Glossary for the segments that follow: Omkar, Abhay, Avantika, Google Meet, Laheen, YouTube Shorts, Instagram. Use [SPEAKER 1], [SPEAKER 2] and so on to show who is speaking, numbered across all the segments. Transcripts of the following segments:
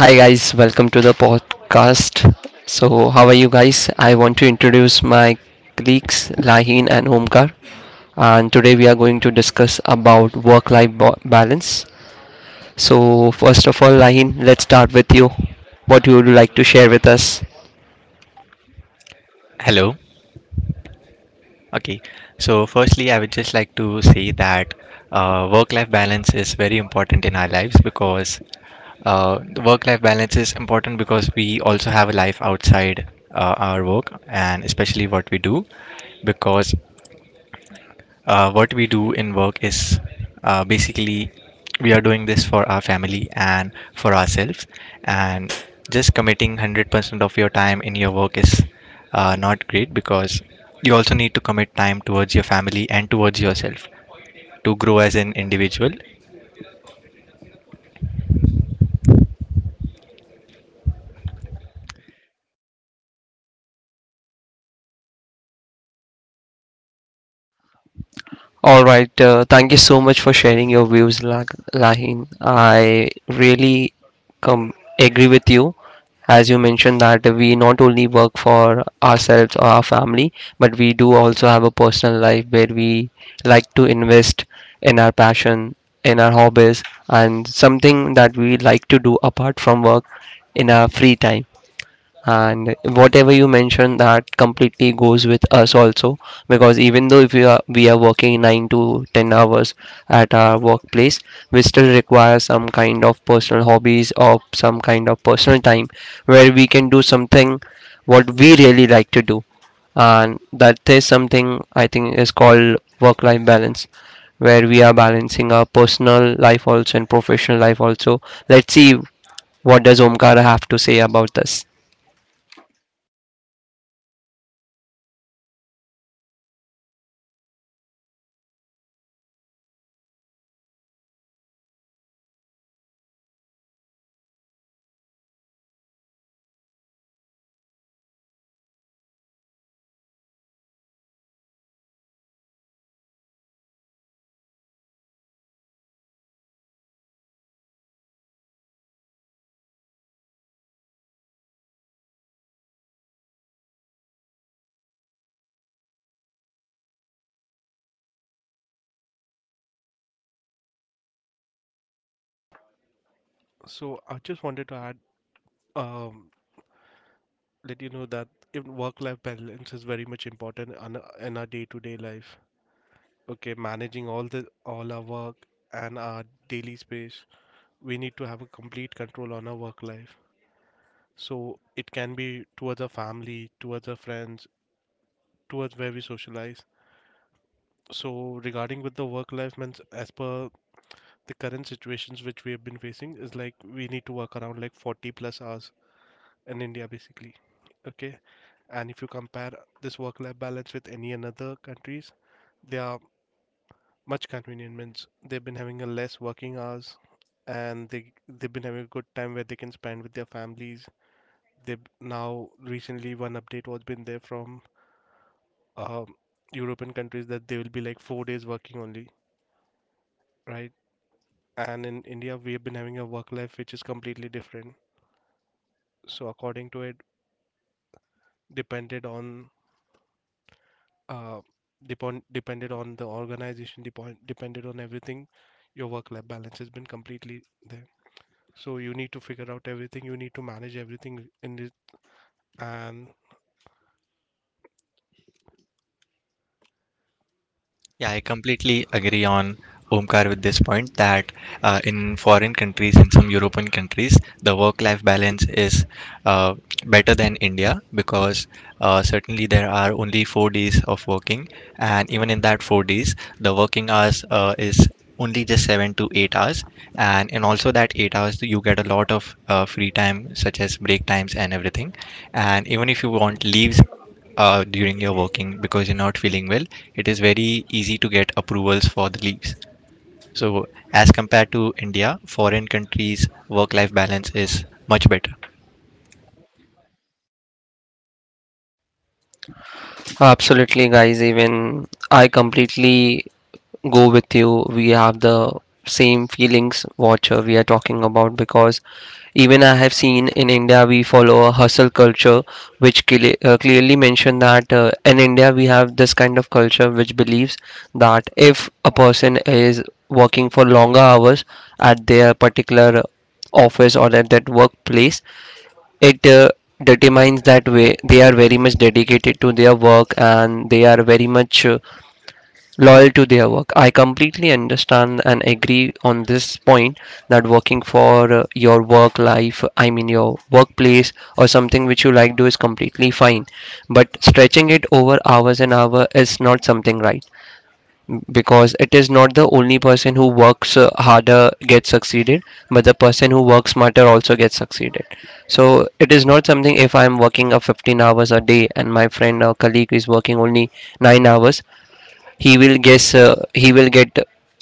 [SPEAKER 1] Hi guys, welcome to the podcast. So, how are you guys? I want to introduce my colleagues Laheen and Omkar, and today we are going to discuss about work-life balance. So, first of all, Laheen, let's start with you. What you would like to share with us?
[SPEAKER 2] Hello. Okay. So, firstly, I would just like to say that work-life balance is very important in our lives because the work-life balance is important because we also have a life outside our work, and especially what we do because what we do in work is basically we are doing this for our family and for ourselves, and just committing 100% of your time in your work is not great because you also need to commit time towards your family and towards yourself to grow as an individual.
[SPEAKER 1] All right. Thank you so much for sharing your views, Lahin. I really come agree with you. As you mentioned that we not only work for ourselves or our family, but we do also have a personal life where we like to invest in our passion, in our hobbies, and something that we like to do apart from work in our free time. And whatever you mentioned that completely goes with us also, because even though if we are working 9 to 10 hours at our workplace, we still require some kind of personal hobbies or some kind of personal time where we can do something what we really like to do. And that is something I think is called work life balance, where we are balancing our personal life also and professional life also. Let's see what does Omkar have to say about this.
[SPEAKER 3] So I just wanted to add, um, let you know that even work-life balance is very much important in our day-to-day life. Okay, managing all our work and our daily space, we need to have a complete control on our work life. So it can be towards our family, towards our friends, towards where we socialize. So regarding with the work-life means as per the current situations which we have been facing is like we need to work around like 40 plus hours in India basically. Okay. And if you compare this work-life balance with any another countries, they are much convenience. They've been having a less working hours, and they've been having a good time where they can spend with their families. They now recently one update was been there from um, European countries that they will be like 4 days working only, right? And in India, we have been having a work life which is completely different. So according to it, depended on uh, depended on the organization, depended on everything, your work life balance has been completely there. So you need to figure out everything. You need to manage everything in it. And
[SPEAKER 2] Yeah, I completely agree on Omkar with this point that in foreign countries, in some European countries, the work-life balance is uh, better than India because certainly there are only 4 days of working, and even in that 4 days, the working hours is only just 7 to 8 hours, and in also that 8 hours, you get a lot of free time, such as break times and everything, and even if you want leaves during your working because you're not feeling well, it is very easy to get approvals for the leaves. So, as compared to India, foreign countries' work life balance is much better.
[SPEAKER 1] Absolutely, guys. Even I completely go with you. We have the same feelings, watcher, we are talking about, because even I have seen in India we follow a hustle culture, which clearly mention that in India we have this kind of culture which believes that if a person is working for longer hours at their particular office or at that workplace, it determines that way they are very much dedicated to their work, and they are very much loyal to their work. I completely understand and agree on this point that working for your work life, I mean your workplace, or something which you like do is completely fine. But stretching it over hours and hour is not something right, because it is not the only person who works harder gets succeeded, but the person who works smarter also gets succeeded. So it is not something if I'm working a 15 hours a day and my friend or colleague is working only 9 hours, he will guess uh, he will get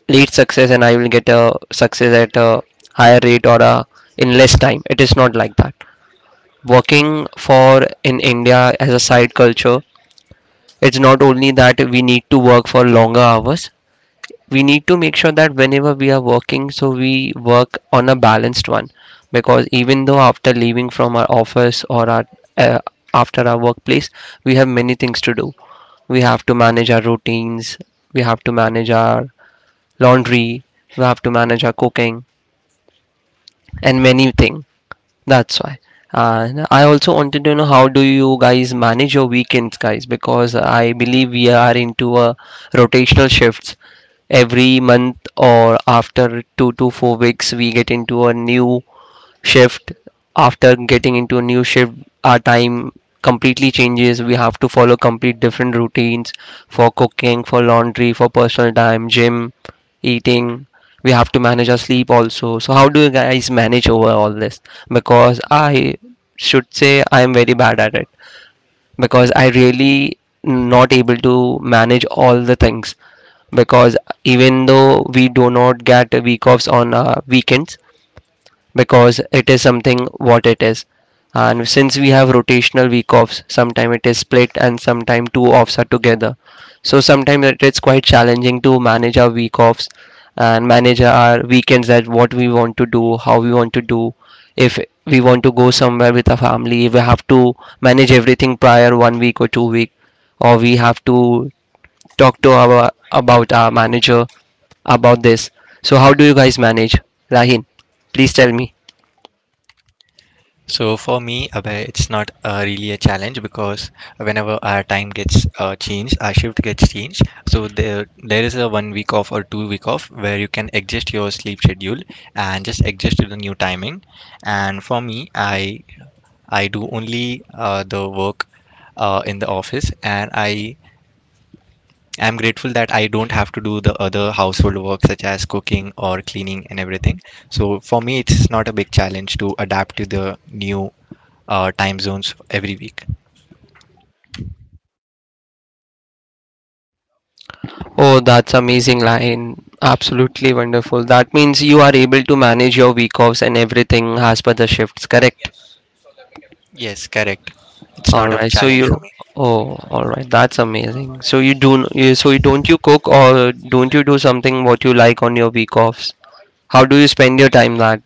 [SPEAKER 1] late success and I will get a success at a higher rate, in less time. It is not like that. Working for in India as a side culture, it's not only that we need to work for longer hours. We need to make sure that whenever we are working, so we work on a balanced one. Because even though after leaving from our office or our uh, after our workplace, we have many things to do. We have to manage our routines, we have to manage our laundry, we have to manage our cooking and many things. That's why. And I also wanted to know how do you guys manage your weekends, guys? Because I believe we are into a rotational shifts. Every month or after 2 to 4 weeks, we get into a new shift. After getting into a new shift, our time completely changes. We have to follow complete different routines for cooking, for laundry, for personal time, gym, eating. We have to manage our sleep also. So how do you guys manage over all this? Because I should say I am very bad at it, because I really not able to manage all the things. Because even though we do not get week offs on weekends, because it is something what it is. And since we have rotational week offs, sometime it is split and sometime two offs are together. So sometimes it is quite challenging to manage our week offs and manage our weekends, that what we want to do, how we want to do. If we want to go somewhere with a family, we have to manage everything prior one week or 2 week, or we have to talk to our about our manager about this. So how do you guys manage, Rahin? Please tell me.
[SPEAKER 2] So for me, Abhay, it's not really a challenge because whenever our time gets changed, our shift gets changed. So there is a one week off or 2 week off where you can adjust your sleep schedule and just adjust to the new timing. And for me, I do only the work in the office, and I'm grateful that I don't have to do the other household work such as cooking or cleaning and everything. So for me, it's not a big challenge to adapt to the new time zones every week.
[SPEAKER 1] Oh, that's amazing, Line, absolutely wonderful. That means you are able to manage your week offs and everything as per the shifts, correct? Yes.
[SPEAKER 2] Yes, correct. It's
[SPEAKER 1] All
[SPEAKER 2] not a
[SPEAKER 1] right.
[SPEAKER 2] challenge for me.
[SPEAKER 1] Oh, all right. That's amazing. So you don't you cook or don't you do something what you like on your week offs? How do you spend your time? That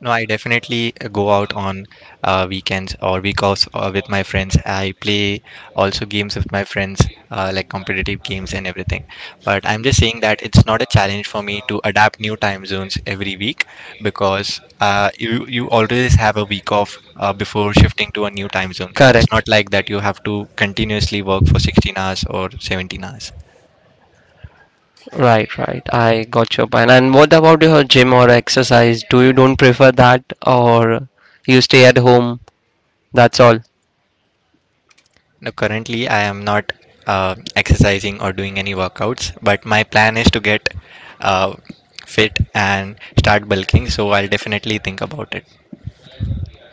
[SPEAKER 2] No, I definitely go out on weekends or week offs with my friends. I play also games with my friends, like competitive games and everything. But I'm just saying that it's not a challenge for me to adapt new time zones every week because you always have a week off before shifting to a new time zone. It's
[SPEAKER 1] correct.
[SPEAKER 2] not like that you have to continuously work for 16 hours or 17 hours.
[SPEAKER 1] Right, right. I got your point. And what about your gym or exercise? Do you don't prefer that or you stay at home? That's all.
[SPEAKER 2] No, currently I am not exercising or doing any workouts, but my plan is to get uh, fit and start bulking. So I'll definitely think about it.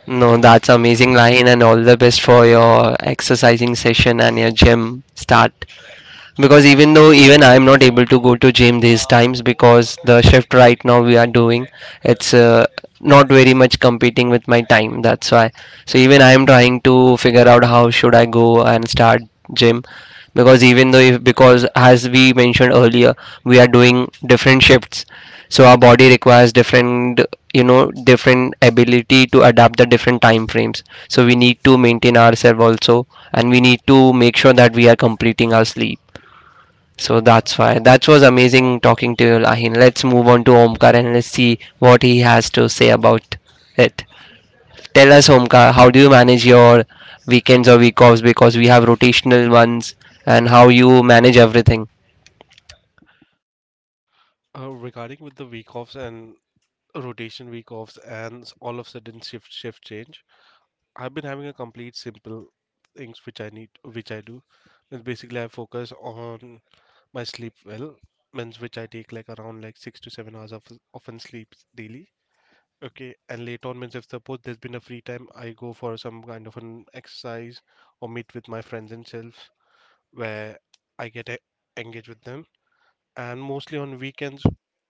[SPEAKER 1] No, that's amazing, Line, and all the best for your exercising session and your gym start. Because even though even I am not able to go to gym these times, because the shift right now we are doing, it's not very much competing with my time, that's why. So even I am trying to figure out how should I go and start gym. Because even though if, because as we mentioned earlier, we are doing different shifts. So our body requires different you know different ability to adapt the different time frames. So we need to maintain ourselves also, and we need to make sure that we are completing our sleep. So that's why that was amazing talking to you, Lahin. Let's move on to Omkar and let's see what he has to say about it. Tell us, Omkar, how do you manage your weekends or week offs, because we have rotational ones, and how you manage everything?
[SPEAKER 3] Regarding with the week offs and rotation week offs and all of sudden shift change, I've been having a complete simple things which I do. Means basically I focus on my sleep well. Means which I take like around like 6 to 7 hours of an sleep daily. Okay, and later on means if suppose there's been a free time, I go for some kind of an exercise or meet with my friends and self where I get engaged with them. And mostly on weekends,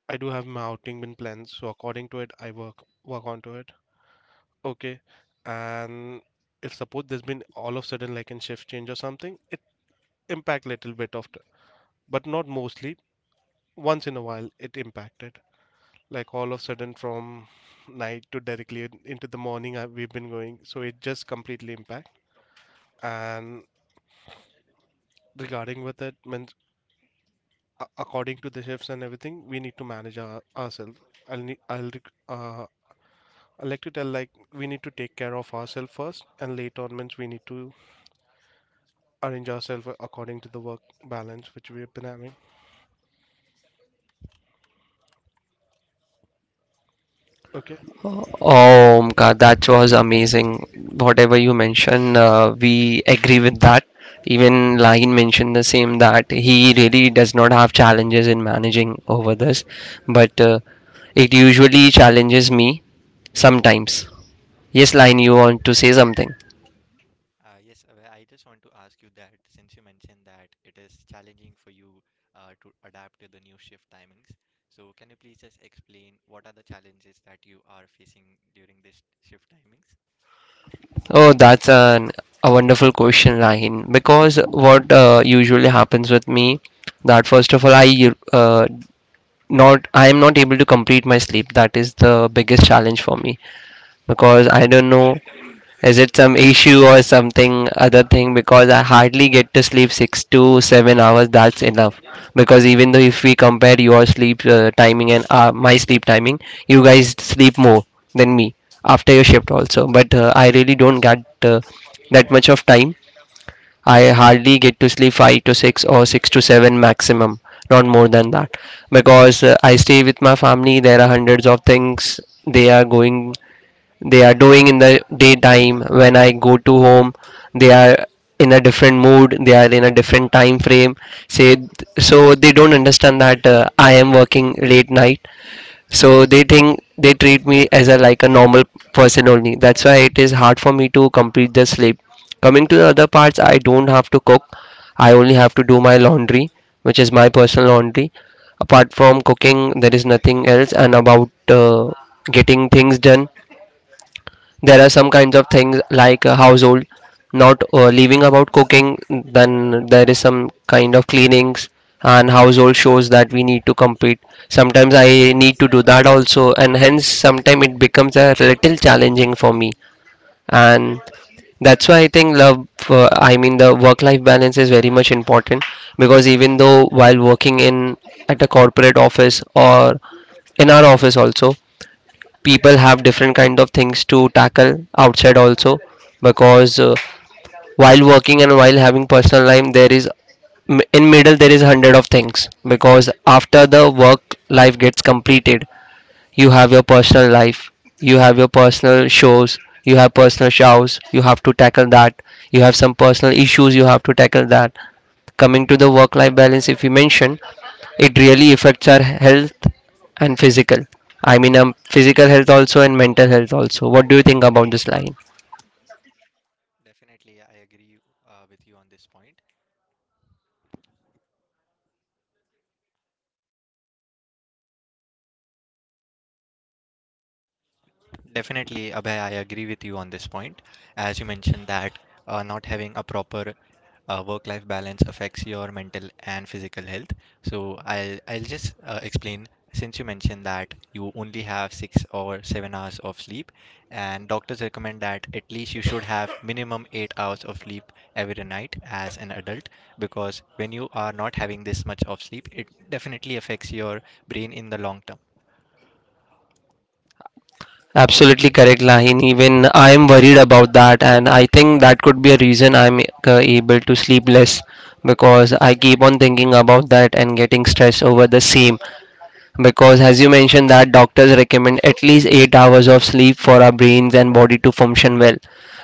[SPEAKER 3] I do have my outing been plans. So according to it, I work onto it. Okay, and if suppose there's been all of sudden like in shift change or something, it impact little bit but not mostly. Once in a while, it impacted. Like all of a sudden from night to directly into the morning, we've been going, so it just completely impact. And regarding with it, when according to the shifts and everything, we need to manage ourselves. I'll need I'll rec- I like to tell like we need to take care of ourselves first, and later on means we need to arrange ourselves according to the work balance which we've been having. Okay.
[SPEAKER 1] Oh, Omkar, that was amazing. Whatever you mentioned, we agree with that. Even Lahin mentioned the same that he really does not have challenges in managing over this, but it usually challenges me sometimes. Yes, Lahin, you want to say something?
[SPEAKER 2] Yes, Abhay, I just want to ask you that since you mentioned that it is challenging for you to adapt to the new shift timings, so can you please just explain what are the challenges that you are facing during this shift timings?
[SPEAKER 1] Oh, that's a wonderful question, Lahin. Because what usually happens with me, that first of all, I am not able to complete my sleep. That is the biggest challenge for me. Because I don't know, is it some issue or something other thing? Because I hardly get to sleep 6 to 7 hours, that's enough. Because even though if we compare your sleep timing and my sleep timing, you guys sleep more than me after your shift also. But I really don't get that much of time. I hardly get to sleep 5 to 6 or 6 to 7 maximum, not more than that. Because I stay with my family, there are hundreds of things they are going, they are doing in the daytime. When I go to home, they are in a different mood, they are in a different time frame, say. So they don't understand that I am working late night. So they think they treat me as a like a normal person only. That's why it is hard for me to complete the sleep. Coming to the other parts, I don't have to cook. I only have to do my laundry, which is my personal laundry. Apart from cooking, there is nothing else. And about getting things done, there are some kinds of things like a household, not leaving about cooking. Then there is some kind of cleanings and household shows that we need to complete. Sometimes I need to do that also, and hence sometimes it becomes a little challenging for me. And that's why I think love I mean the work life balance is very much important. Because even though while working in at a corporate office or in our office also, people have different kind of things to tackle outside also. Because while working and while having personal life, there is in middle there is hundred of things. Because after the work life gets completed, you have your personal life, you have personal shows you have to tackle that. You have some personal issues you have to tackle that. Coming to the work life balance, if you mention, it really affects our health and physical. I mean, physical health also and mental health also. What do you think about this line?
[SPEAKER 2] Definitely, I agree with you on this point. Definitely, Abhay, I agree with you on this point. As you mentioned that not having a proper work-life balance affects your mental and physical health. So I'll just explain. Since you mentioned that you only have 6 or 7 hours of sleep, and doctors recommend that at least you should have minimum 8 hours of sleep every night as an adult, because when you are not having this much of sleep, it definitely affects your brain in the long term.
[SPEAKER 1] Absolutely correct, Lahin. Even I am worried about that, and I think that could be a reason I'm able to sleep less, because I keep on thinking about that and getting stressed over the same. Because as you mentioned that doctors recommend at least 8 hours of sleep for our brains and body to function well,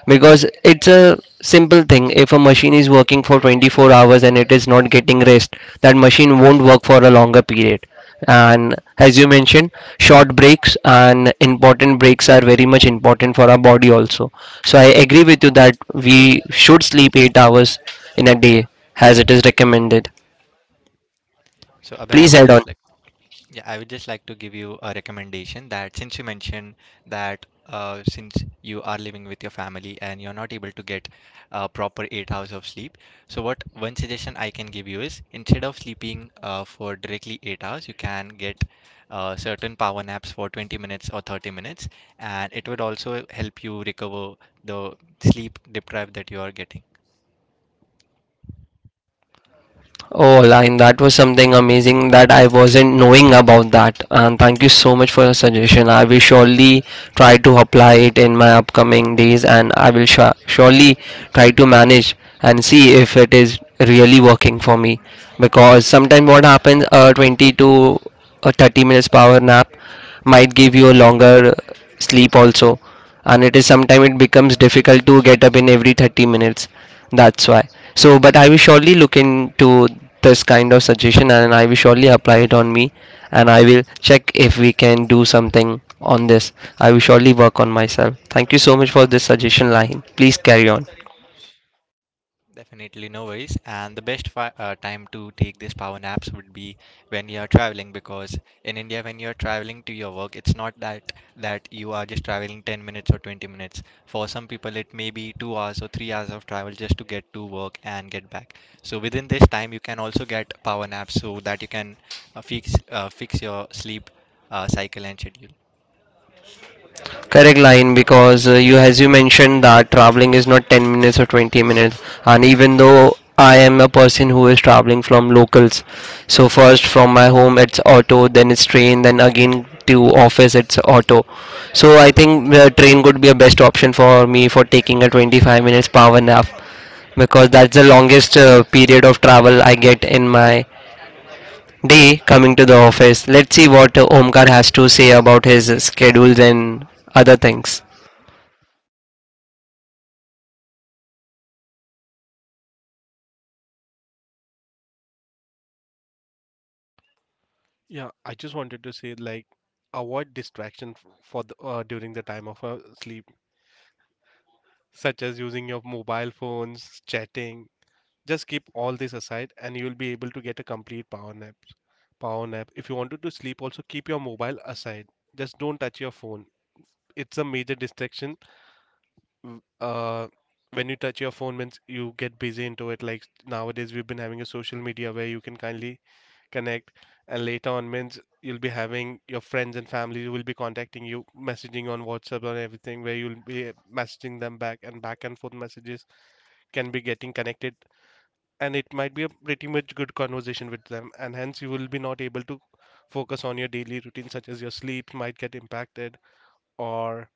[SPEAKER 1] because it's a simple thing. If a machine is working for 24 hours and it is not getting rest, that machine won't work for a longer period. And as you mentioned, short breaks and important breaks are very much important for our body also. So I agree with you that we should sleep 8 hours in a day, as it is recommended.
[SPEAKER 2] So Abhay, I
[SPEAKER 1] Please
[SPEAKER 2] would
[SPEAKER 1] add on.
[SPEAKER 2] just like. Yeah, I would just like to give you a recommendation that since you mentioned that since you are living with your family and you're not able to get a proper 8 hours of sleep, so what one suggestion I can give you is instead of sleeping for directly 8 hours, you can get certain power naps for 20 minutes or 30 minutes, and it would also help you recover the sleep deprived that you are getting.
[SPEAKER 1] Oh, line, that was something amazing that I wasn't knowing about that. And thank you so much for your suggestion. I will surely try to apply it in my upcoming days and I will surely try to manage and see if it is really working for me. Because sometimes what happens, a 20 to a 30 minutes power nap might give you a longer sleep also, and it is sometime it becomes difficult to get up in every 30 minutes, that's why. So but I will surely look into this kind of suggestion and I will surely apply it on me, and I will check if we can do something on this. I will surely work on myself. Thank you so much for this suggestion, Lahin. Please carry on.
[SPEAKER 2] Definitely, no worries. And the best time to take these power naps would be when you are traveling, because in India, when you are traveling to your work, it's not that that you are just traveling 10 minutes or 20 minutes. For some people, it may be 2 hours or 3 hours of travel just to get to work and get back. So within this time, you can also get power naps so that you can fix your sleep cycle and schedule.
[SPEAKER 1] Correct, line, because you as you mentioned that traveling is not 10 minutes or 20 minutes, and even though I am a person who is traveling from locals. So first from my home it's auto, then it's train, then again to office it's auto. So I think the train could be a best option for me for taking a 25 minutes power nap, because that's the longest period of travel I get in my day coming to the office. Let's see what Omkar has to say about his schedules and other things.
[SPEAKER 3] Yeah, I just wanted to say like avoid distraction for the during the time of sleep, such as using your mobile phones, chatting. Just keep all this aside and you'll be able to get a complete power nap. Power nap. If you wanted to sleep, also keep your mobile aside. Just don't touch your phone. It's a major distraction. W- when you touch your phone, means you get busy into it. Like nowadays, we've been having a social media where you can kindly connect, and later on, means you'll be having your friends and family who will be contacting you, messaging on WhatsApp and everything, where you'll be messaging them back and back and forth messages can be getting connected, and it might be a pretty much good conversation with them, and hence you will be not able to focus on your daily routine, such as your sleep might get impacted, or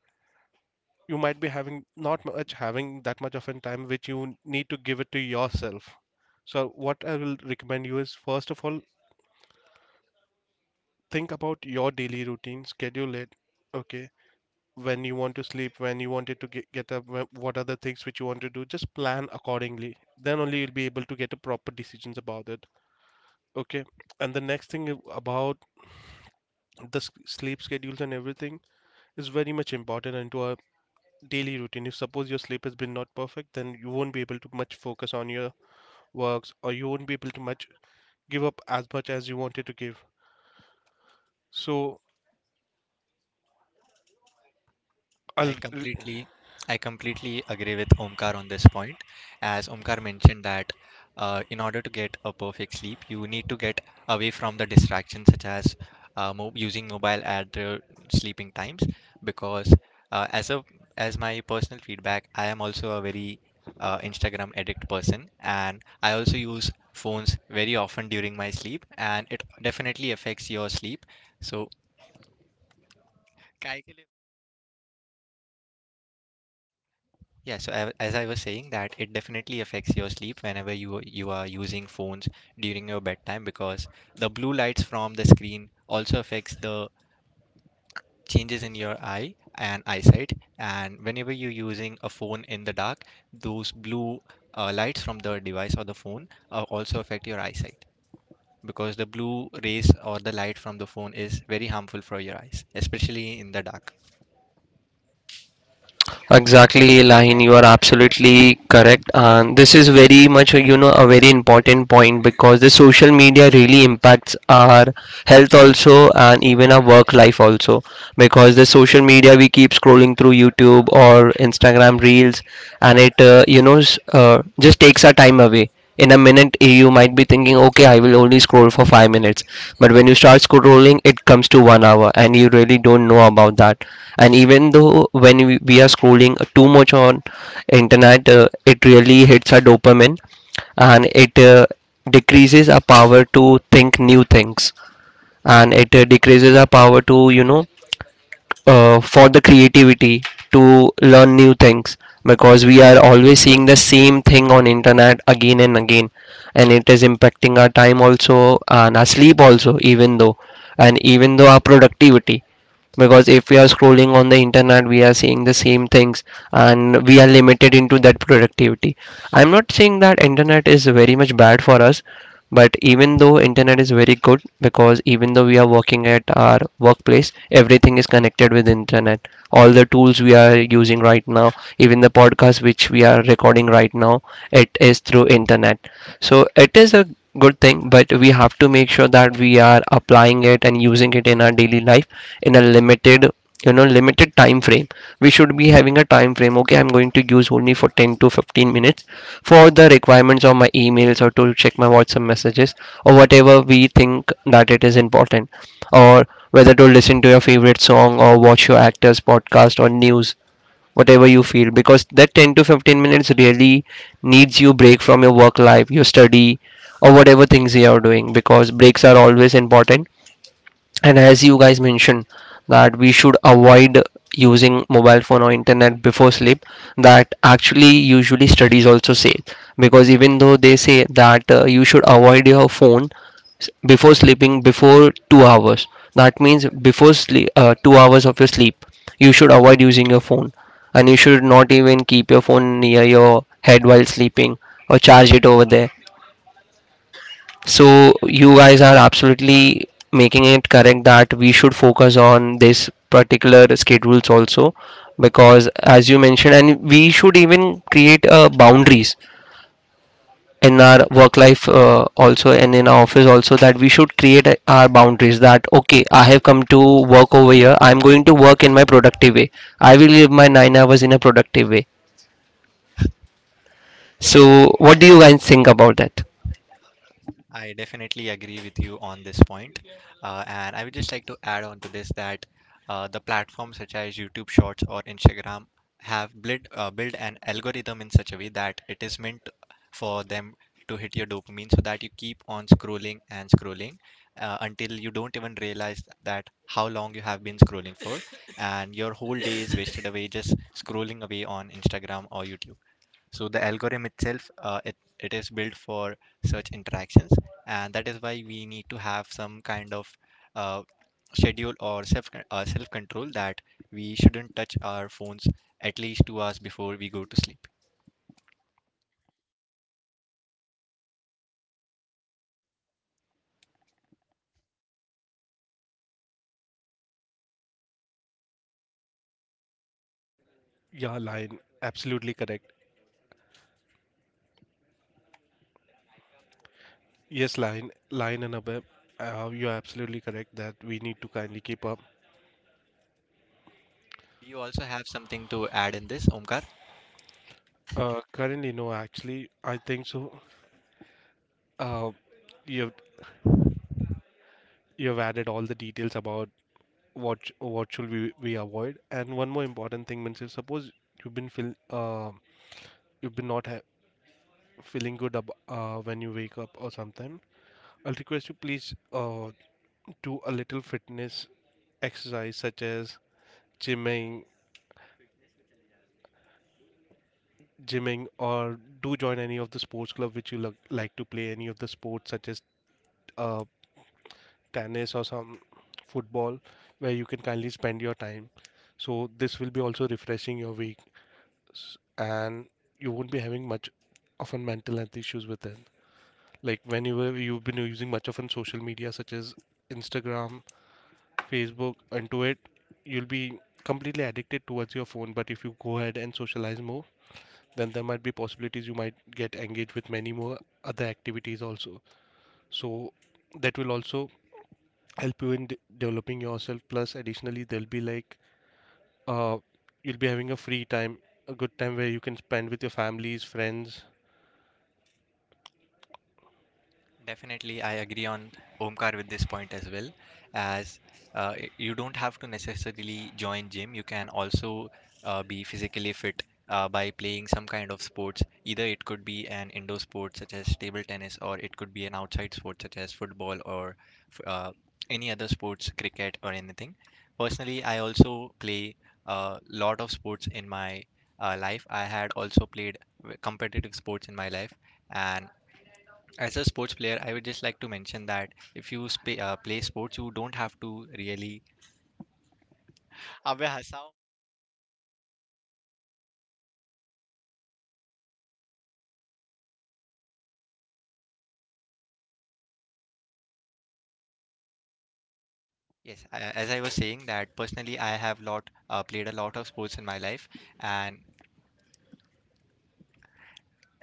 [SPEAKER 3] you might be having not much having that much of a time which you need to give it to yourself. So what I will recommend you is first of all, think about your daily routine, schedule it. Okay, when you want to sleep, when you wanted to get up, what are the things which you want to do, just plan accordingly. Then only you'll be able to get a proper decisions about it. Okay. And the next thing is about the sleep schedules and everything is very much important into our daily routine. If suppose your sleep has been not perfect, then you won't be able to much focus on your works, or you won't be able to much give up as much as you wanted to give. So, I'll,
[SPEAKER 2] I
[SPEAKER 3] r-
[SPEAKER 2] completely I completely agree with Omkar on this point. As Omkar mentioned that in order to get a perfect sleep, you need to get away from the distractions such as using mobile at the sleeping times, because as a as my personal feedback, I am also a very Instagram addict person, and I also use phones very often during my sleep, and it definitely affects your sleep. So yeah, so as I was saying that it definitely affects your sleep whenever you are using phones during your bedtime, because the blue lights from the screen also affects the changes in your eye and eyesight. And whenever you're using a phone in the dark, those blue lights from the device or the phone also affect your eyesight, because the blue rays or the light from the phone is very harmful for your eyes, especially in the dark.
[SPEAKER 1] Exactly, Lahin, you are absolutely correct. And this is very much, you know, a very important point, because the social media really impacts our health also and even our work life also. Because the social media, we keep scrolling through YouTube or Instagram reels, and it, you know, just takes our time away in a minute. Eh, you might be thinking, okay, I will only scroll for 5 minutes, but when you start scrolling it comes to 1 hour and you really don't know about that. And even though when we are scrolling too much on internet, it really hits our dopamine, and it decreases our power to think new things, and it decreases our power to, you know, for the creativity to learn new things, because we are always seeing the same thing on internet again and again, and it is impacting our time also and our sleep also even though, and even though our productivity. Because if we are scrolling on the internet we are seeing the same things, and we are limited into that productivity. I'm not saying that internet is very much bad for us, but even though internet is very good, because even though we are working at our workplace, everything is connected with internet. All the tools we are using right now, even the podcast which we are recording right now, it is through internet. So it is a good thing, but we have to make sure that we are applying it and using it in our daily life in a limited, you know, limited time frame. We should be having a time frame. Okay, I'm going to use only for 10 to 15 minutes for the requirements of my emails or to check my WhatsApp messages or whatever we think that it is important, or whether to listen to your favorite song or watch your actors podcast or news, whatever you feel, because that 10 to 15 minutes really needs you break from your work life, your study, or whatever things you are doing, because breaks are always important. And as you guys mentioned, that we should avoid using mobile phone or internet before sleep, that actually usually studies also say. Because even though they say that you should avoid your phone before sleeping, before 2 hours. That means before sleep, 2 hours of your sleep, you should avoid using your phone, and you should not even keep your phone near your head while sleeping or charge it over there. So you guys are absolutely making it correct that we should focus on this particular schedules also, because as you mentioned, and we should even create boundaries in our work life also, and in our office also, that we should create our boundaries that, okay, I have come to work over here, I'm going to work in my productive way. I will live my 9 hours in a productive way. So what do you guys think about that?
[SPEAKER 2] I definitely agree with you on this point. And I would just like to add on to this that the platforms such as YouTube Shorts or Instagram have built an algorithm in such a way that it is meant for them to hit your dopamine so that you keep on scrolling and scrolling until you don't even realize that how long you have been scrolling for and your whole day is wasted away just scrolling away on Instagram or YouTube. So the algorithm itself, it is built for such interactions, and that is why we need to have some kind of uh, schedule or self control, that we shouldn't touch our phones at least 2 hours before we go to sleep.
[SPEAKER 3] yeah, Lion, absolutely correct. Yes, Lion, Lion and Abhay, you're absolutely correct that we need to kindly keep up.
[SPEAKER 2] Do you also have something to add in this, Omkar?
[SPEAKER 3] Currently, no, actually, I think so. Uh, you've added all the details about what should we avoid, and one more important thing means if suppose you've been feel uh, you've been not feeling good when you wake up or sometime, I'll request you please, do a little fitness exercise such as gymming gymming, or do join any of the sports club which you like to play, any of the sports such as uh, tennis or some football, where you can kindly spend your time. So this will be also refreshing your week, and you won't be having much often mental health issues with it. Like whenever you've been using much of on social media such as Instagram, Facebook, into it, you'll be completely addicted towards your phone. But if you go ahead and socialize more, then there might be possibilities you might get engaged with many more other activities also. So that will also help you in developing yourself. Plus, additionally, there'll be like uh, you'll be having a free time, a good time where you can spend with your families, friends.
[SPEAKER 2] Definitely, I agree on Omkar with this point as well. As you don't have to necessarily join gym, you can also be physically fit by playing some kind of sports. Either it could be an indoor sport such as table tennis, or it could be an outside sport such as football or f- uh, any other sports, cricket or anything. Personally, I also play a lot of sports in my life. I had also played competitive sports in my life, and as a sports player, I would just like to mention that if you play sports, you don't have to really. अबे हंसाओ. Yes, as I was saying that personally, I have lot played a lot of sports in my life, and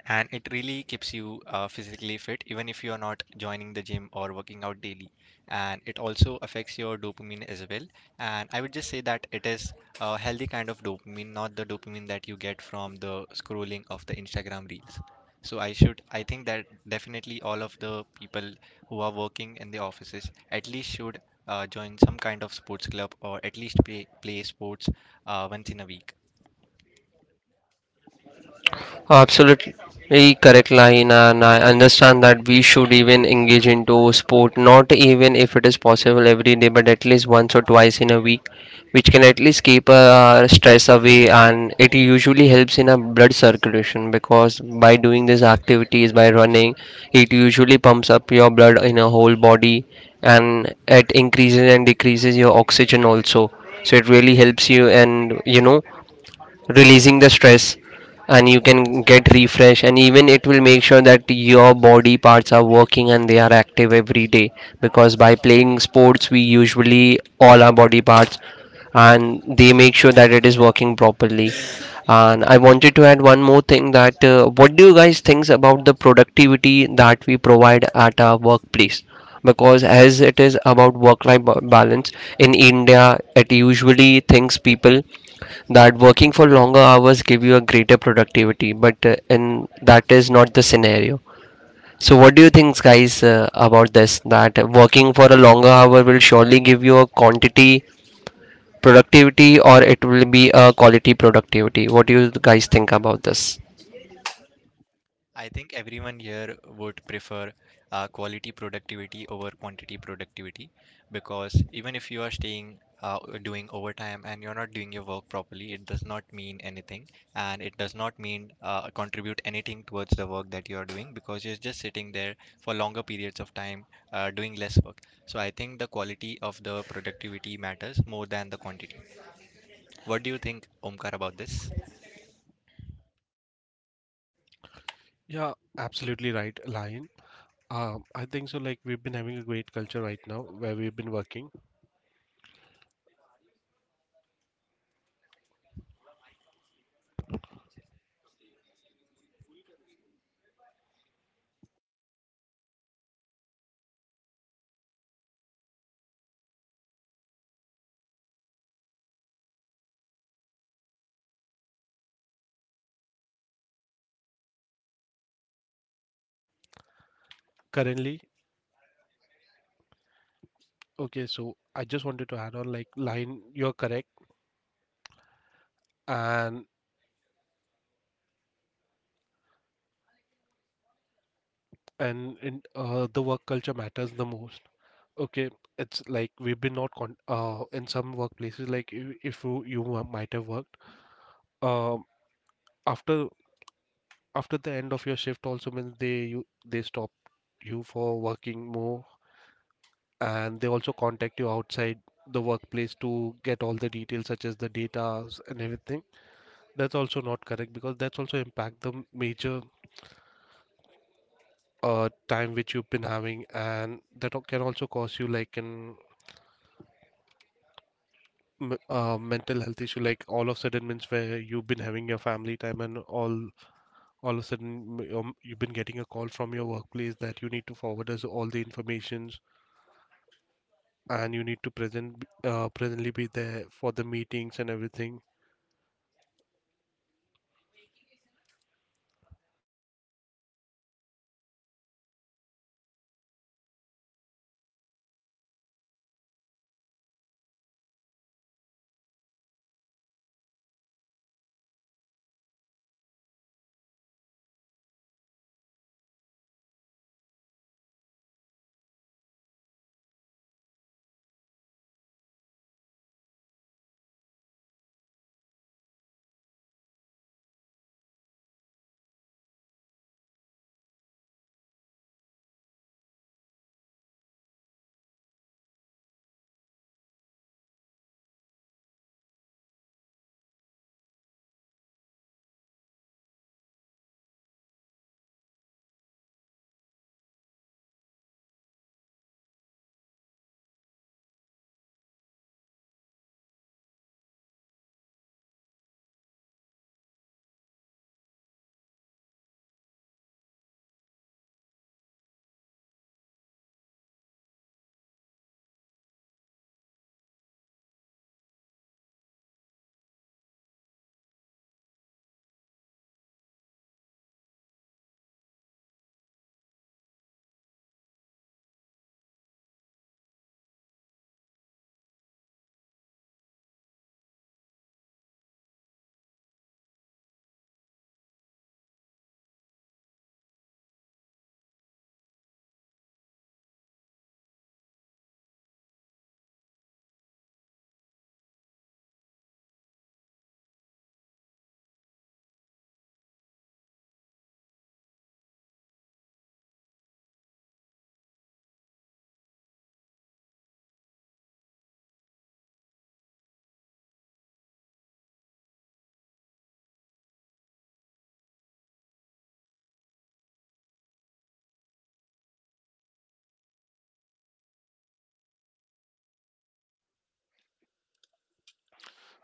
[SPEAKER 2] it really keeps you physically fit, even if you are not joining the gym or working out daily, and it also affects your dopamine as well. And I would just say that it is a healthy kind of dopamine, not the dopamine that you get from the scrolling of the Instagram reels. So I think that definitely all of the people who are working in the offices at least should join some kind of sports club, or at least play sports once in a week.
[SPEAKER 1] Oh, absolutely correct, line, and I understand that we should even engage into sport, not even if it is possible every day, but at least once or twice in a week, which can at least keep our stress away, and it usually helps in our blood circulation, because by doing these activities, by running, it usually pumps up your blood in a whole body, and it increases and decreases your oxygen also. So it really helps you, and, you know, releasing the stress, and you can get refresh, and even it will make sure that your body parts are working and they are active every day, because by playing sports we usually all our body parts, and they make sure that it is working properly. And I wanted to add one more thing, that what do you guys think about the productivity that we provide at our workplace, because as it is about work life balance. In India it usually thinks people that working for longer hours give you a greater productivity, but and that is not the scenario. So what do you think guys about this, that working for a longer hour will surely give you a quantity productivity, or it will be a quality productivity? What do you guys think about this?
[SPEAKER 2] I think everyone here would prefer quality productivity over quantity productivity, because even if you are staying doing overtime and you're not doing your work properly, it does not mean anything, and it does not mean contribute anything towards the work that you are doing, because you're just sitting there for longer periods of time doing less work. So I think the quality of the productivity matters more than the quantity. What do you think, Omkar, about this?
[SPEAKER 3] Yeah, absolutely right, Lion. I think so. Like we've been having a great culture right now where we've been working currently. Okay, so I just wanted to add on, like Lion, you're correct, and in, the work culture matters the most. Okay, it's like we've been not con in some workplaces like if you might have worked, um after the end of your shift also, means they stop you for working more, and they also contact you outside the workplace to get all the details such as the data and everything. That's also not correct because that's also impact the major time which you've been having, and that can also cause you like an m-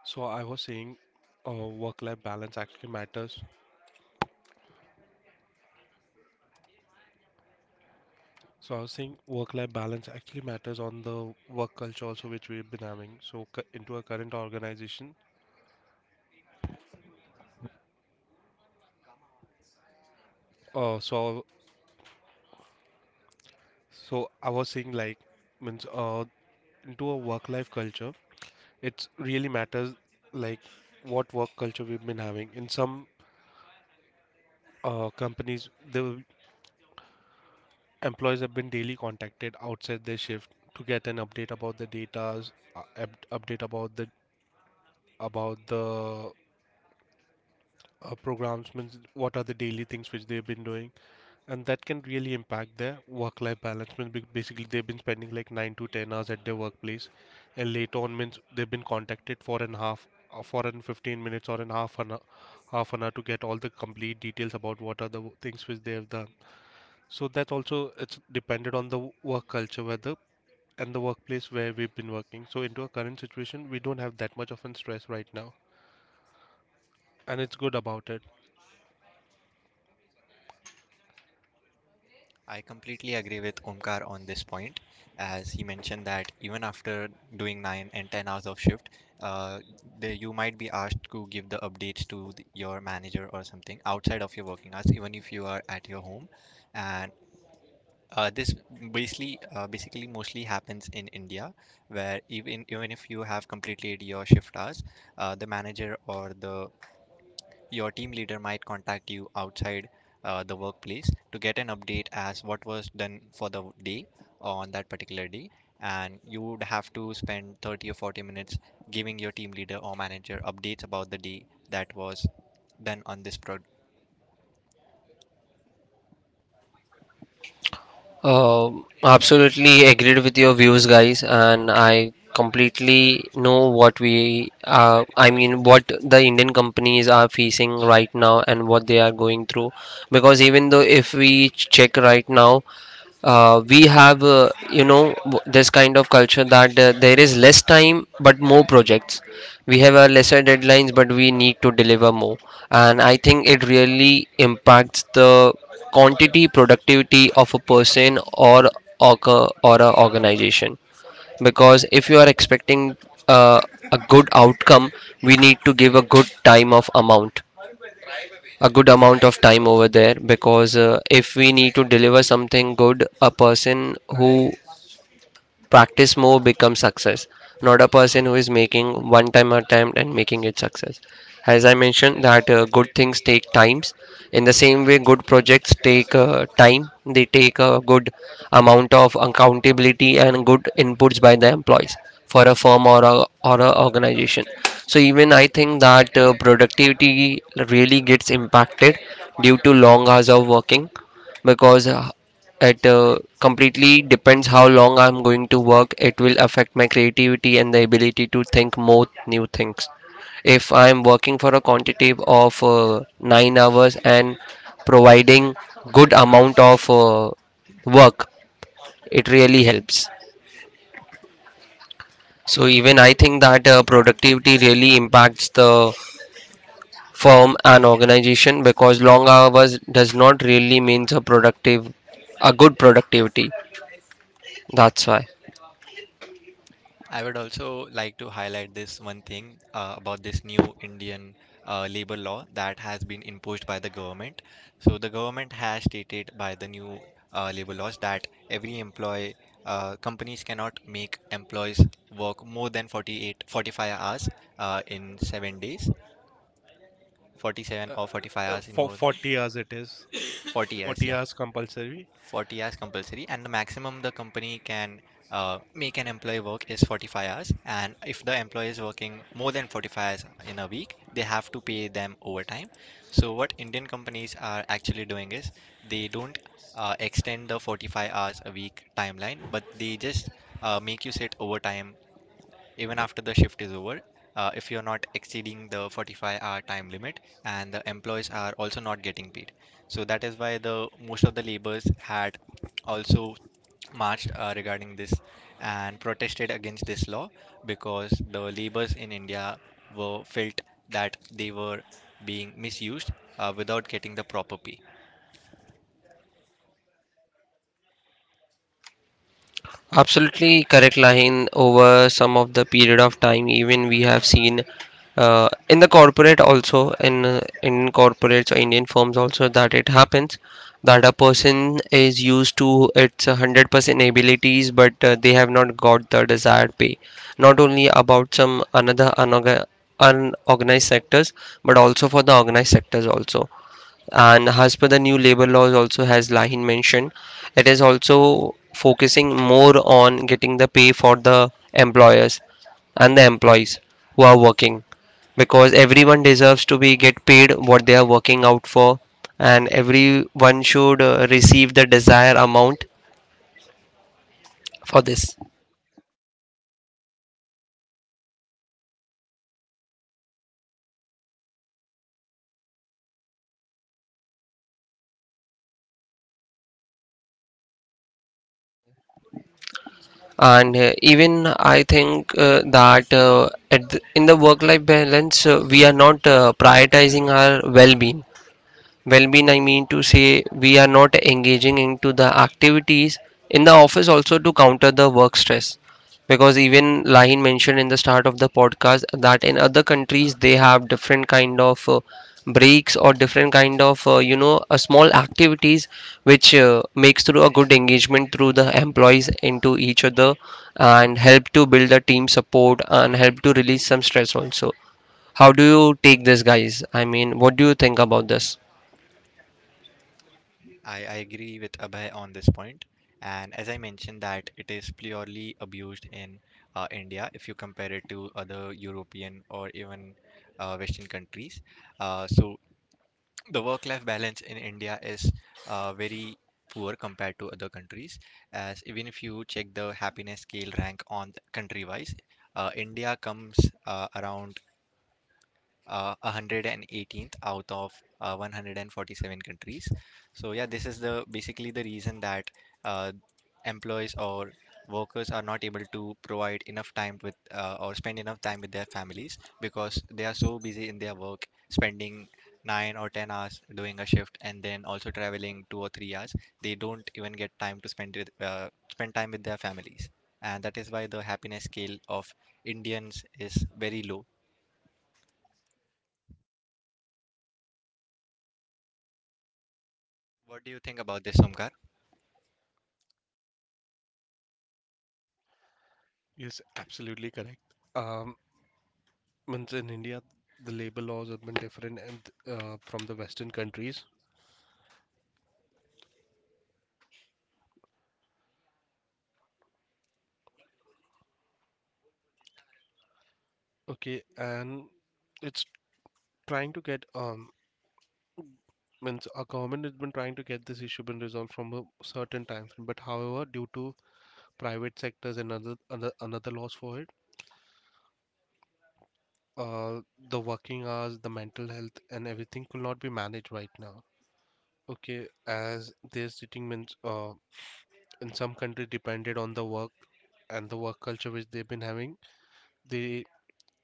[SPEAKER 3] so I was saying, work-life balance actually matters. So I was saying, work-life balance actually matters on the work culture also which we've been having. So into a current organization, uh, so so I was saying like, means into a work-life culture, it really matters like what work culture we've been having. In some companies, the employees have been daily contacted outside their shift to get an update about the data, update about the programs, means what are the daily things which they've been doing, and that can really impact their work life balance, means basically they've been spending like 9 to 10 hours at their workplace, and later on means they've been contacted for an half for an 15 minutes or an half an hour to get all the complete details about what are the things which they have done. So that's also it's dependent on the work culture, whether and the workplace where we've been working. So into our current situation, we don't have that much of an stress right now, and it's good about it.
[SPEAKER 2] I completely agree with Omkar on this point, as he mentioned that even after doing 9 and 10 hours of shift, uh, you might be asked to give the updates to your manager or something outside of your working hours, even if you are at your home. And uh, this basically mostly happens in India, where even if you have completed your shift hours, the manager or the your team leader might contact you outside the workplace to get an update as what was done for the day on that particular day. And you would have to spend 30 or 40 minutes giving your team leader or manager updates about the day that was done on this pro-
[SPEAKER 1] Um, absolutely agreed with your views, guys, and I completely know what we, I mean, what the Indian companies are facing right now and what they are going through. Because even though if we check right now, we have you know this kind of culture that there is less time but more projects, we have a lesser deadlines but we need to deliver more. And I think it really impacts the quantity productivity of a person or org- or a organization, because if you are expecting uh, a good outcome, we need to give a good time of amount, a good amount of time over there, because if we need to deliver something good, a person who practice more becomes success, not a person who is making one time attempt and making it success. As I mentioned that good things take times, in the same way good projects take time, they take a good amount of accountability and good inputs by the employees for a firm or a organization. So even I think that productivity really gets impacted due to long hours of working, because it completely depends how long I'm going to work. It will affect my creativity and the ability to think more new things. If I'm working for a quantitative of 9 hours and providing good amount of work, it really helps. So even I think that productivity really impacts the firm and organization, because long hours does not really means a productive, a good productivity. That's why.
[SPEAKER 2] I would also like to highlight this one thing about this new Indian labor law that has been imposed by the government. So the government has stated by the new labor laws that every employee companies cannot make employees work more than 48 45 hours in 7 days, 47 or 45 hours in
[SPEAKER 3] For
[SPEAKER 2] more than
[SPEAKER 3] 40 hours it is
[SPEAKER 2] 40 hours,
[SPEAKER 3] 40
[SPEAKER 2] yeah,
[SPEAKER 3] hours compulsory.
[SPEAKER 2] 40 hours compulsory. And the maximum the company can make an employee work is 45 hours. And if the employee is working more than 45 hours in a week, they have to pay them overtime. So what Indian companies are actually doing is they don't extend the 45 hours a week timeline, but they just make you sit overtime even after the shift is over, if you're not exceeding the 45-hour time limit. And the employees are also not getting paid. So that is why the most of the laborers had also marched, regarding this, and protested against this law because the laborers in India were felt that they were being misused without getting the proper pay.
[SPEAKER 1] Absolutely correct, Lahin. Over some of the period of time, even we have seen in the corporate also, in corporates or Indian firms also, that it happens that a person is used to its 100% abilities, but they have not got the desired pay. Not only about some another unorganized sectors, but also for the organized sectors also, and as per the new labor laws also, as Lahin mentioned, it is also focusing more on getting the pay for the employers and the employees who are working, because everyone deserves to be get paid what they are working out for, and everyone should receive the desired amount for this. And even I think that at the, in the work life balance, we are not prioritizing our well being, well-being. I mean to say we are not engaging into the activities in the office also to counter the work stress, because even Lahin mentioned in the start of the podcast that in other countries they have different kind of breaks or different kind of, you know, small activities which makes through a good engagement through the employees into each other, and help to build the team support and help to release some stress also. How do you take this, guys? I mean, what do you think about this?
[SPEAKER 2] I agree with Abhay on this point. And as I mentioned, that it is purely abused in India if you compare it to other European or even Western countries. So the work-life balance in India is very poor compared to other countries. As even if you check the happiness scale rank on country-wise, India comes around 118th out of 147 countries. So yeah, this is the basically the reason that uh, employees or workers are not able to provide enough time with or spend enough time with their families because they are so busy in their work, spending 9 or 10 hours doing a shift and then also traveling 2 or 3 hours. They don't even get time to spend time with their families. And that is why the happiness scale of Indians is very low. What do you think about this, Omkar?
[SPEAKER 3] Yes, absolutely correct. um Means in India, the labor laws have been different, and from the western countries. Okay, and it's trying to get, means our government has been trying to get this issue been resolved from a certain time frame, but however due to private sectors and other another laws for it, uh the working hours, the mental health and everything could not be managed right now. Okay. As they're sitting, means in some countries depended on the work and the work culture which they've been having, they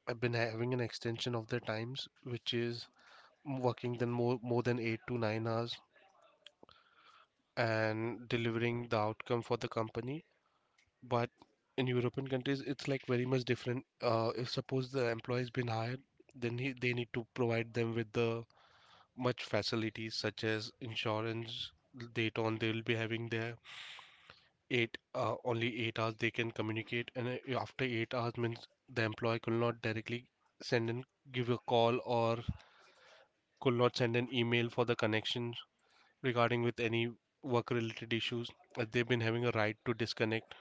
[SPEAKER 3] have been having an extension of their times, which is working then more than 8 to 9 hours and delivering the outcome for the company. But in European countries, it's like very much different. If suppose the employee has been hired, then they need to provide them with the much facilities such as insurance. Later on, they will be having their eight only 8 hours they can communicate, and after 8 hours means the employee could not directly send and give a call, or could not send an email for the connection regarding with any work related issues. They've been having a right to disconnect.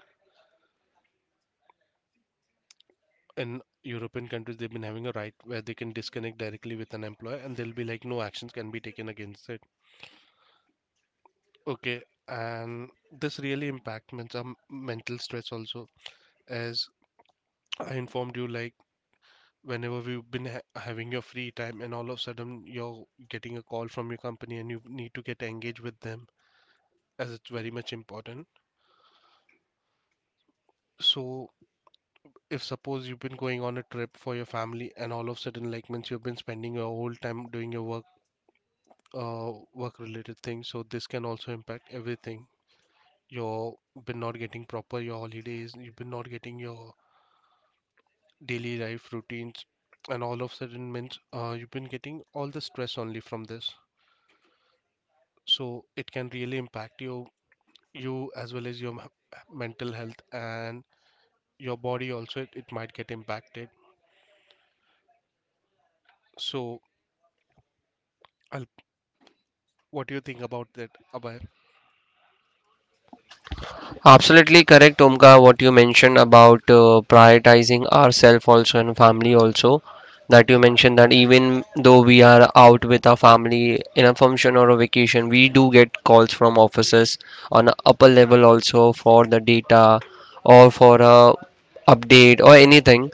[SPEAKER 3] In European countries, they've been having a right where they can disconnect directly with an employer, and there'll be like no actions can be taken against it. Okay. And this really impacts mental stress also. As I informed you, like whenever having your free time and all of a sudden you're getting a call from your company and you need to get engaged with them as it's very much important. So if suppose you've been going on a trip for your family, and all of a sudden like means you've been spending your whole time doing your work, work related things, so this can also impact everything. You've been not getting proper your holidays, you've been not getting your daily life routines, and all of a sudden means, you've been getting all the stress only from this. So it can really impact you, you as well as your mental health, and your body also, it might get impacted. So I'll, what do you think about that, Abhay?
[SPEAKER 1] Absolutely correct, Omka, what you mentioned about prioritizing ourself also and family also. That you mentioned that even though we are out with our family in a function or a vacation, we do get calls from officers on a upper level also for the data or for a update or anything,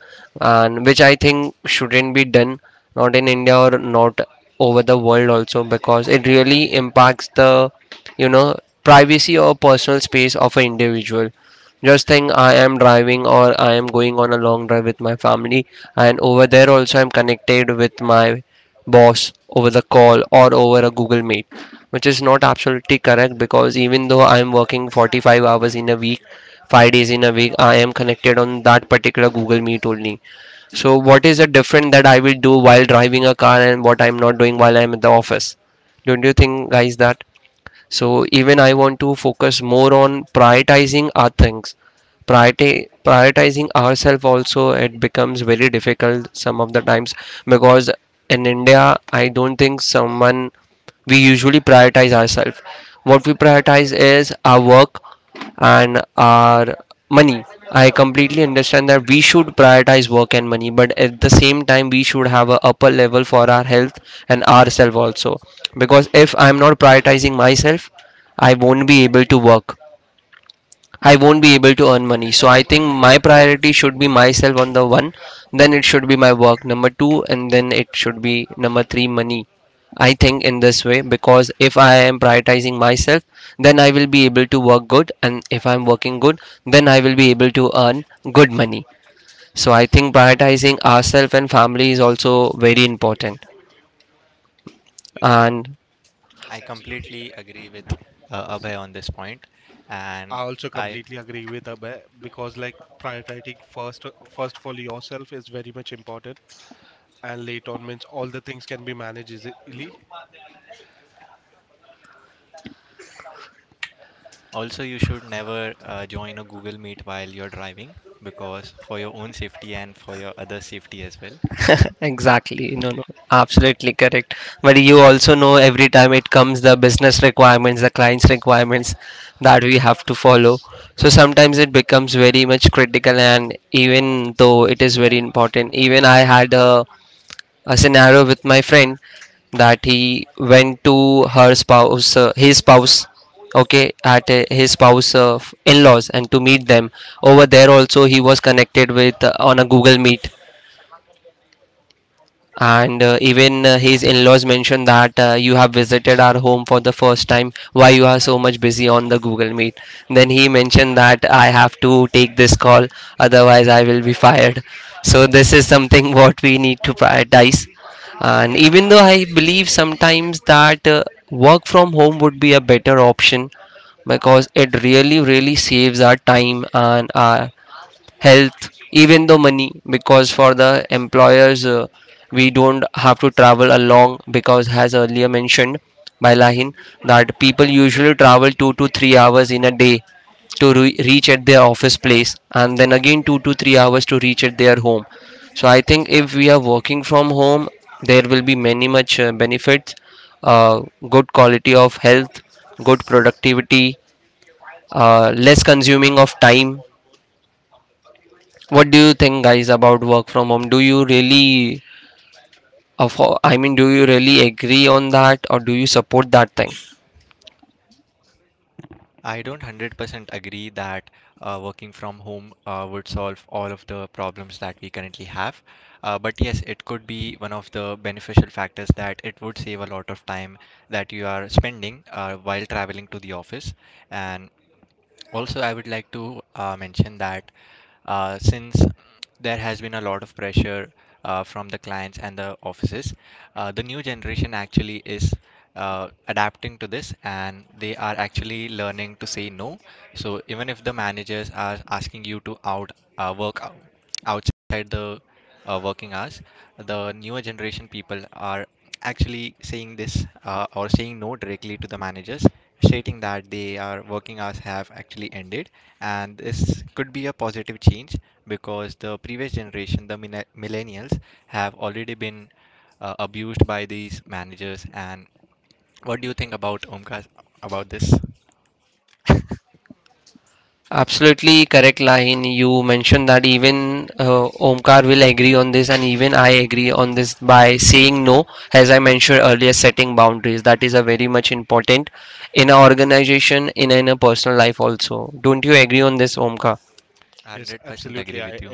[SPEAKER 1] and which I think shouldn't be done, not in India or not over the world also, because it really impacts the you know privacy or personal space of an individual. Just think I am driving or I am going on a long drive with my family, and over there also I'm connected with my boss over the call or over a Google Meet, which is not absolutely correct because even though I'm working 45 hours in a week, 5 days in a week I am connected on that particular Google Meet only. So what is the different that I will do while driving a car and what I'm not doing while I'm at the office? Don't you think, guys, that so even I want to focus more on prioritizing our things. Prioritizing ourselves also, it becomes very difficult some of the times, because in India I don't think someone, we usually prioritize ourselves. What we prioritize is our work and our money. I completely understand that we should prioritize work and money, but at the same time, we should have a upper level for our health and ourselves also. Because if I'm not prioritizing myself, I won't be able to work. I won't be able to earn money. So I think my priority should be myself on the one, then it should be my work number two, and then it should be number three money. I think in this way, because if I am prioritizing myself, then I will be able to work good, and if I'm working good, then I will be able to earn good money. So I think prioritizing ourselves and family is also very important. And
[SPEAKER 2] I completely agree with Abhay on this point, and
[SPEAKER 3] I also
[SPEAKER 2] I
[SPEAKER 3] completely agree with Abhay because like prioritizing first of all yourself is very much important, and later on means all the things can be managed easily.
[SPEAKER 2] also you should never join a Google Meet while you're driving, because for your own safety and for your other safety as well.
[SPEAKER 1] exactly. No, no, absolutely correct. But you also know every time it comes the business requirements, the client's requirements that we have to follow. So sometimes it becomes very much critical, and even though it is very important, even I had a scenario with my friend that he went to her spouse, his spouse, okay, at his spouse, in-laws, and to meet them over there. Also, he was connected with, on a Google Meet, and even his in-laws mentioned that you have visited our home for the first time. Why you are so much busy on the Google Meet? Then he mentioned that I have to take this call, otherwise I will be fired. So this is something what we need to prioritize. And even though I believe sometimes that work from home would be a better option, because it really really saves our time and our health, even though money, because for the employers, we don't have to travel along because, as earlier mentioned by Lahin, that people usually travel 2 to 3 hours in a day to reach at their office place and then again 2 to 3 hours to reach at their home. So I think if we are working from home, there will be many much benefits, uh, good quality of health, good productivity, less consuming of time. What do you think, guys, about work from home? Do you really, of, I mean, do you really agree on that or do you support that thing?
[SPEAKER 2] I don't 100% agree that working from home would solve all of the problems that we currently have, but yes, it could be one of the beneficial factors that it would save a lot of time that you are spending while traveling to the office. And Also, I would like to mention that since there has been a lot of pressure from the clients and the offices, the new generation actually is adapting to this, and they are actually learning to say no. So even if the managers are asking you to out work outside the working hours, the newer generation people are actually saying this or saying no directly to the managers, stating that they are working hours have actually ended. And this could be a positive change because the previous generation, the millennials, have already been abused by these managers. And what do you think about, Omkar, about this?
[SPEAKER 1] Absolutely correct, line. You mentioned that even Omkar will agree on this, and even I agree on this by saying no. As I mentioned earlier, setting boundaries, that is a very much important in an organization, in a personal life also. Don't you agree on this, Omkar?
[SPEAKER 2] 100% agree with you.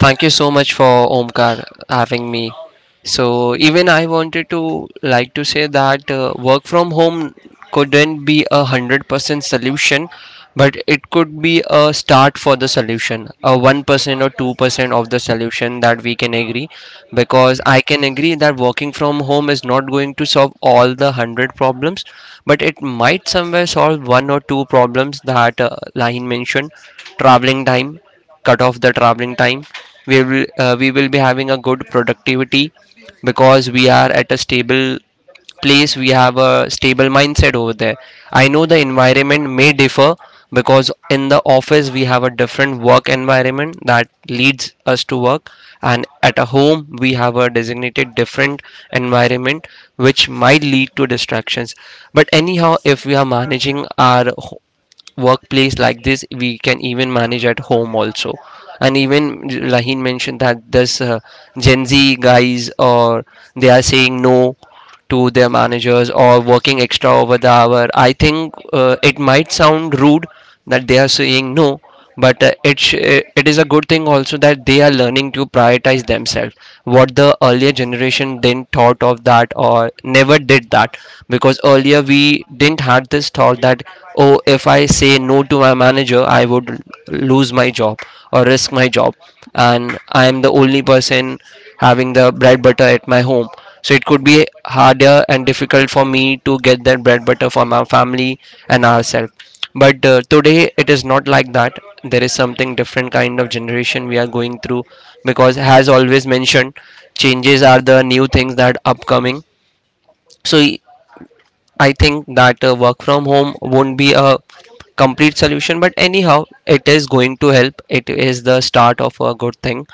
[SPEAKER 1] Thank you so much for Omkar having me. So even I wanted to like to say that work from home couldn't be 100% solution, but it could be a start for the solution, a 1% or 2% of the solution that we can agree, because I can agree that working from home is not going to solve all the hundred problems, but it might somewhere solve one or two problems that Lahin mentioned, traveling time, cut off the traveling time. We will be having a good productivity because we are at a stable place, we have a stable mindset over there. I know the environment may differ because in the office we have a different work environment that leads us to work, and at a home we have a designated different environment, which might lead to distractions. But anyhow, if we are managing our workplace like this, we can even manage at home also. And even Lahin mentioned that this Gen Z guys or they are saying no to their managers or working extra over the hour. I think it might sound rude that they are saying no, but it is a good thing also that they are learning to prioritize themselves. What the earlier generation didn't thought of that or never did that, because earlier we didn't had this thought that oh, if I say no to my manager I would lose my job or risk my job, and I am the only person having the bread butter at my home, so it could be harder and difficult for me to get that bread butter for my family and ourselves. But today it is not like that. There is something different kind of generation we are going through, because, as always mentioned, changes are the new things that upcoming. So y- I think that work from home won't be a complete solution, but anyhow, it is going to help. It is the start of a good thing.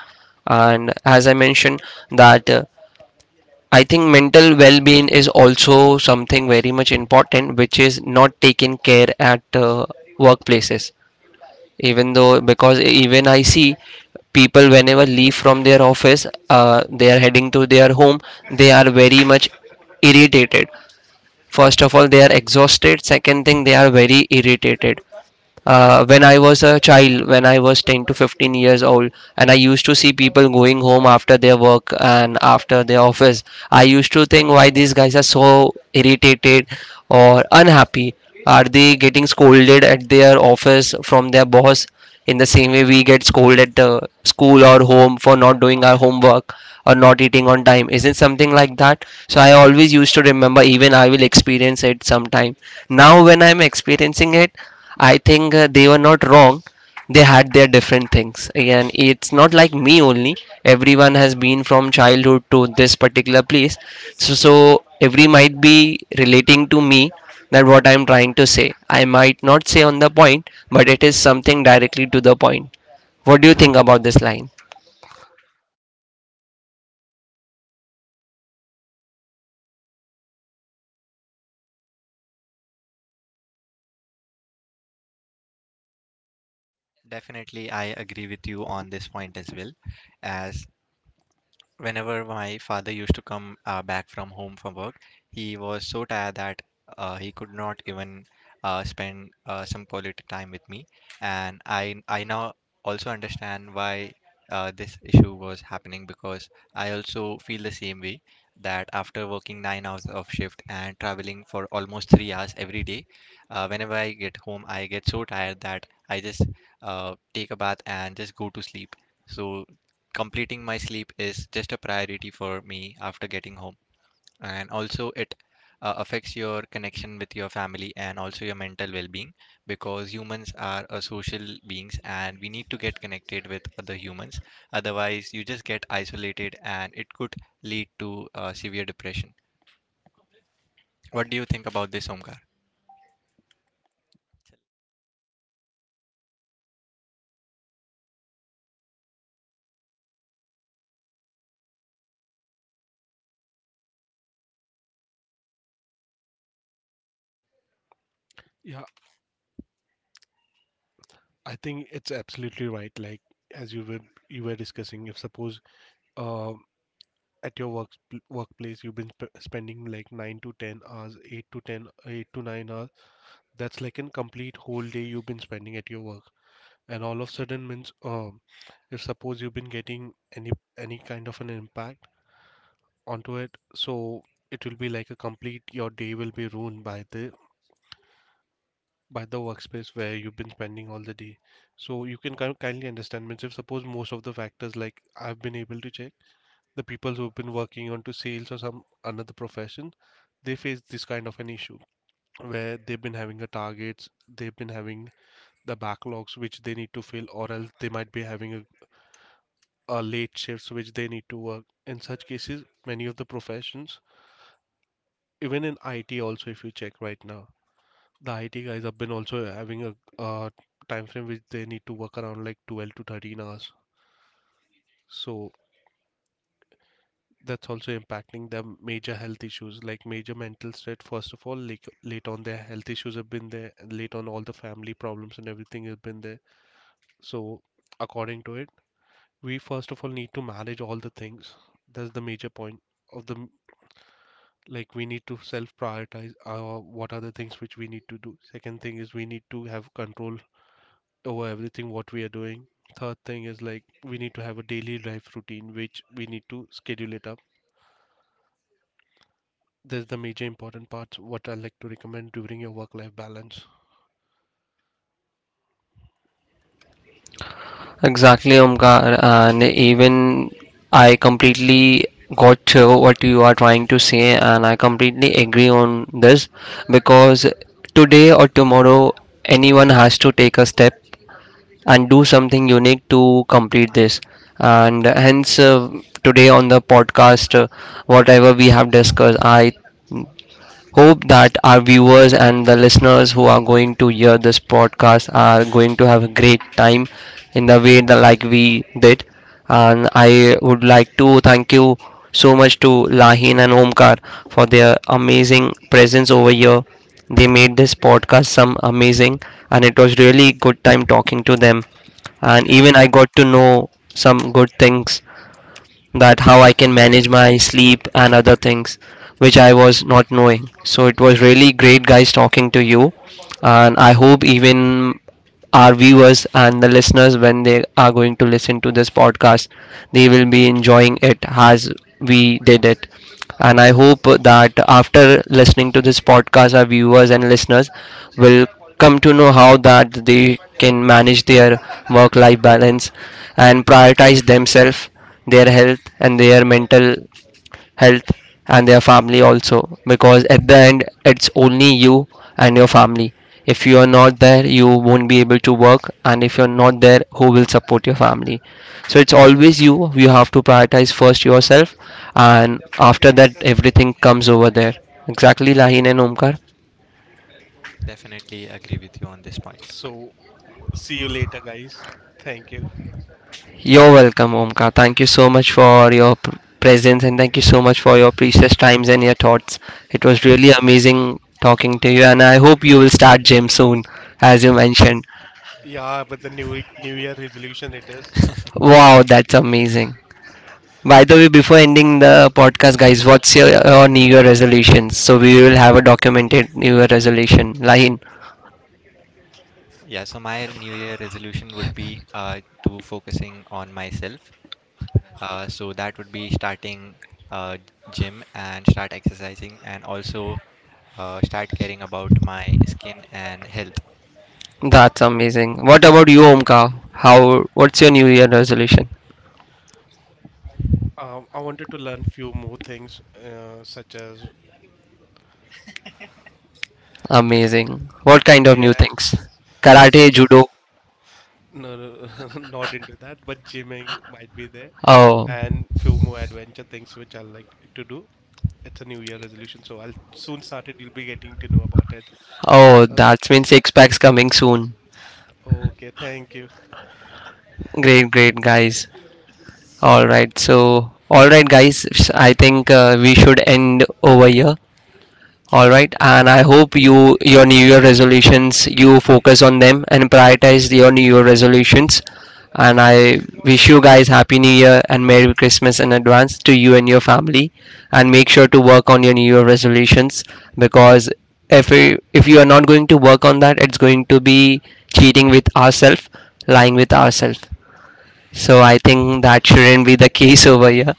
[SPEAKER 1] And as I mentioned that I think mental well being is also something very much important, which is not taken care at workplaces. Even though, because even I see people whenever leave from their office, they are heading to their home, they are very much irritated. First of all, they are exhausted. Second thing, they are very irritated. When I was a child, when I was 10 to 15 years old, and I used to see people going home after their work and after their office, I used to think why these guys are so irritated or unhappy. Are they getting scolded at their office from their boss? In the same way, we get scolded at the school or home for not doing our homework or not eating on time. Isn't something like that? So I always used to remember, even I will experience it sometime. Now, when I'm experiencing it, I think they were not wrong. They had their different things. Again, it's not like me only, everyone has been from childhood to this particular place. So every might be relating to me, that what I'm trying to say, I might not say on the point, but it is something directly to the point. What do you think about this, line?
[SPEAKER 2] Definitely I agree with you on this point as well. As whenever my father used to come back from home from work, he was so tired that he could not even spend some quality time with me. And I now also understand why this issue was happening because I also feel the same way that after working 9 hours of shift and traveling for almost 3 hours every day, whenever I get home, I get so tired that I just take a bath and just go to sleep. So completing my sleep is just a priority for me after getting home. And also, it affects your connection with your family and also your mental well-being because humans are a social beings and we need to get connected with other humans. Otherwise you just get isolated, and it could lead to severe depression. What do you think about this, Omkar?
[SPEAKER 1] Exactly, Omkar, and even I completely got what you are trying to say, and I completely agree on this, because today or tomorrow, anyone has to take a step and do something unique to complete this. And hence, today on the podcast, whatever we have discussed, I hope that our viewers and the listeners who are going to hear this podcast are going to have a great time in the way that like we did. And I would like to thank you so much to Lahin and Omkar for their amazing presence over here. They made this podcast some amazing, and it was really good time talking to them. And even I got to know some good things, that how I can manage my sleep and other things which I was not knowing. So it was really great, guys, talking to you. And I hope even our viewers and the listeners, when they are going to listen to this podcast, they will be enjoying it as we did it. And I hope that after listening to this podcast, our viewers and listeners will come to know how that they can manage their work life balance and prioritize themselves, their health and their mental health, and their family also, because at the end it's only you and your family. If you are not there, you won't be able to work, and if you're not there, who will support your family? So it's always you have to prioritize first yourself, and after that everything comes over there. Exactly, Lahin and Omkar.
[SPEAKER 2] Definitely agree with you on this point.
[SPEAKER 1] You're welcome, Omka. Thank you so much for your presence and thank you so much for your precious times and your thoughts. It was really amazing talking to you, and I hope you will start gym soon, as you mentioned. Wow, that's amazing. By the way, before ending the podcast, guys, what's your New Year resolutions? So we will have a documented New Year resolution, line.
[SPEAKER 2] Yeah, so my New Year resolution would be to focusing on myself. So that would be starting uh, gym and start exercising, and also start caring about my skin and health.
[SPEAKER 1] That's amazing. What about you, Omka? How? What's your New Year resolution? Amazing. What kind of new things? Karate, judo. Oh. Oh, that means six packs coming soon. Great, guys. All right, all right, guys. I think we should end over here. All right, and I hope you your New Year resolutions you focus on them and prioritize your New Year resolutions. And I wish you guys Happy New Year and Merry Christmas in advance to you and your family. And make sure to work on your New Year resolutions, because if you are not going to work on that, it's going to be cheating with ourselves, lying with ourselves. So I think that shouldn't be the case over here.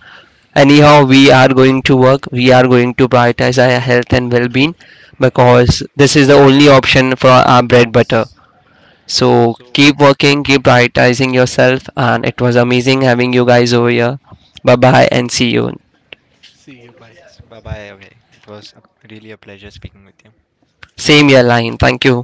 [SPEAKER 1] Anyhow, we are going to work, we are going to prioritize our health and well-being, because this is the only option for our bread butter. So keep working, keep prioritizing yourself, and it was amazing having you guys over here. Bye bye and see you.
[SPEAKER 2] Yes, bye bye, Abhay. Really a pleasure speaking with you.
[SPEAKER 1] Same year, line, thank you.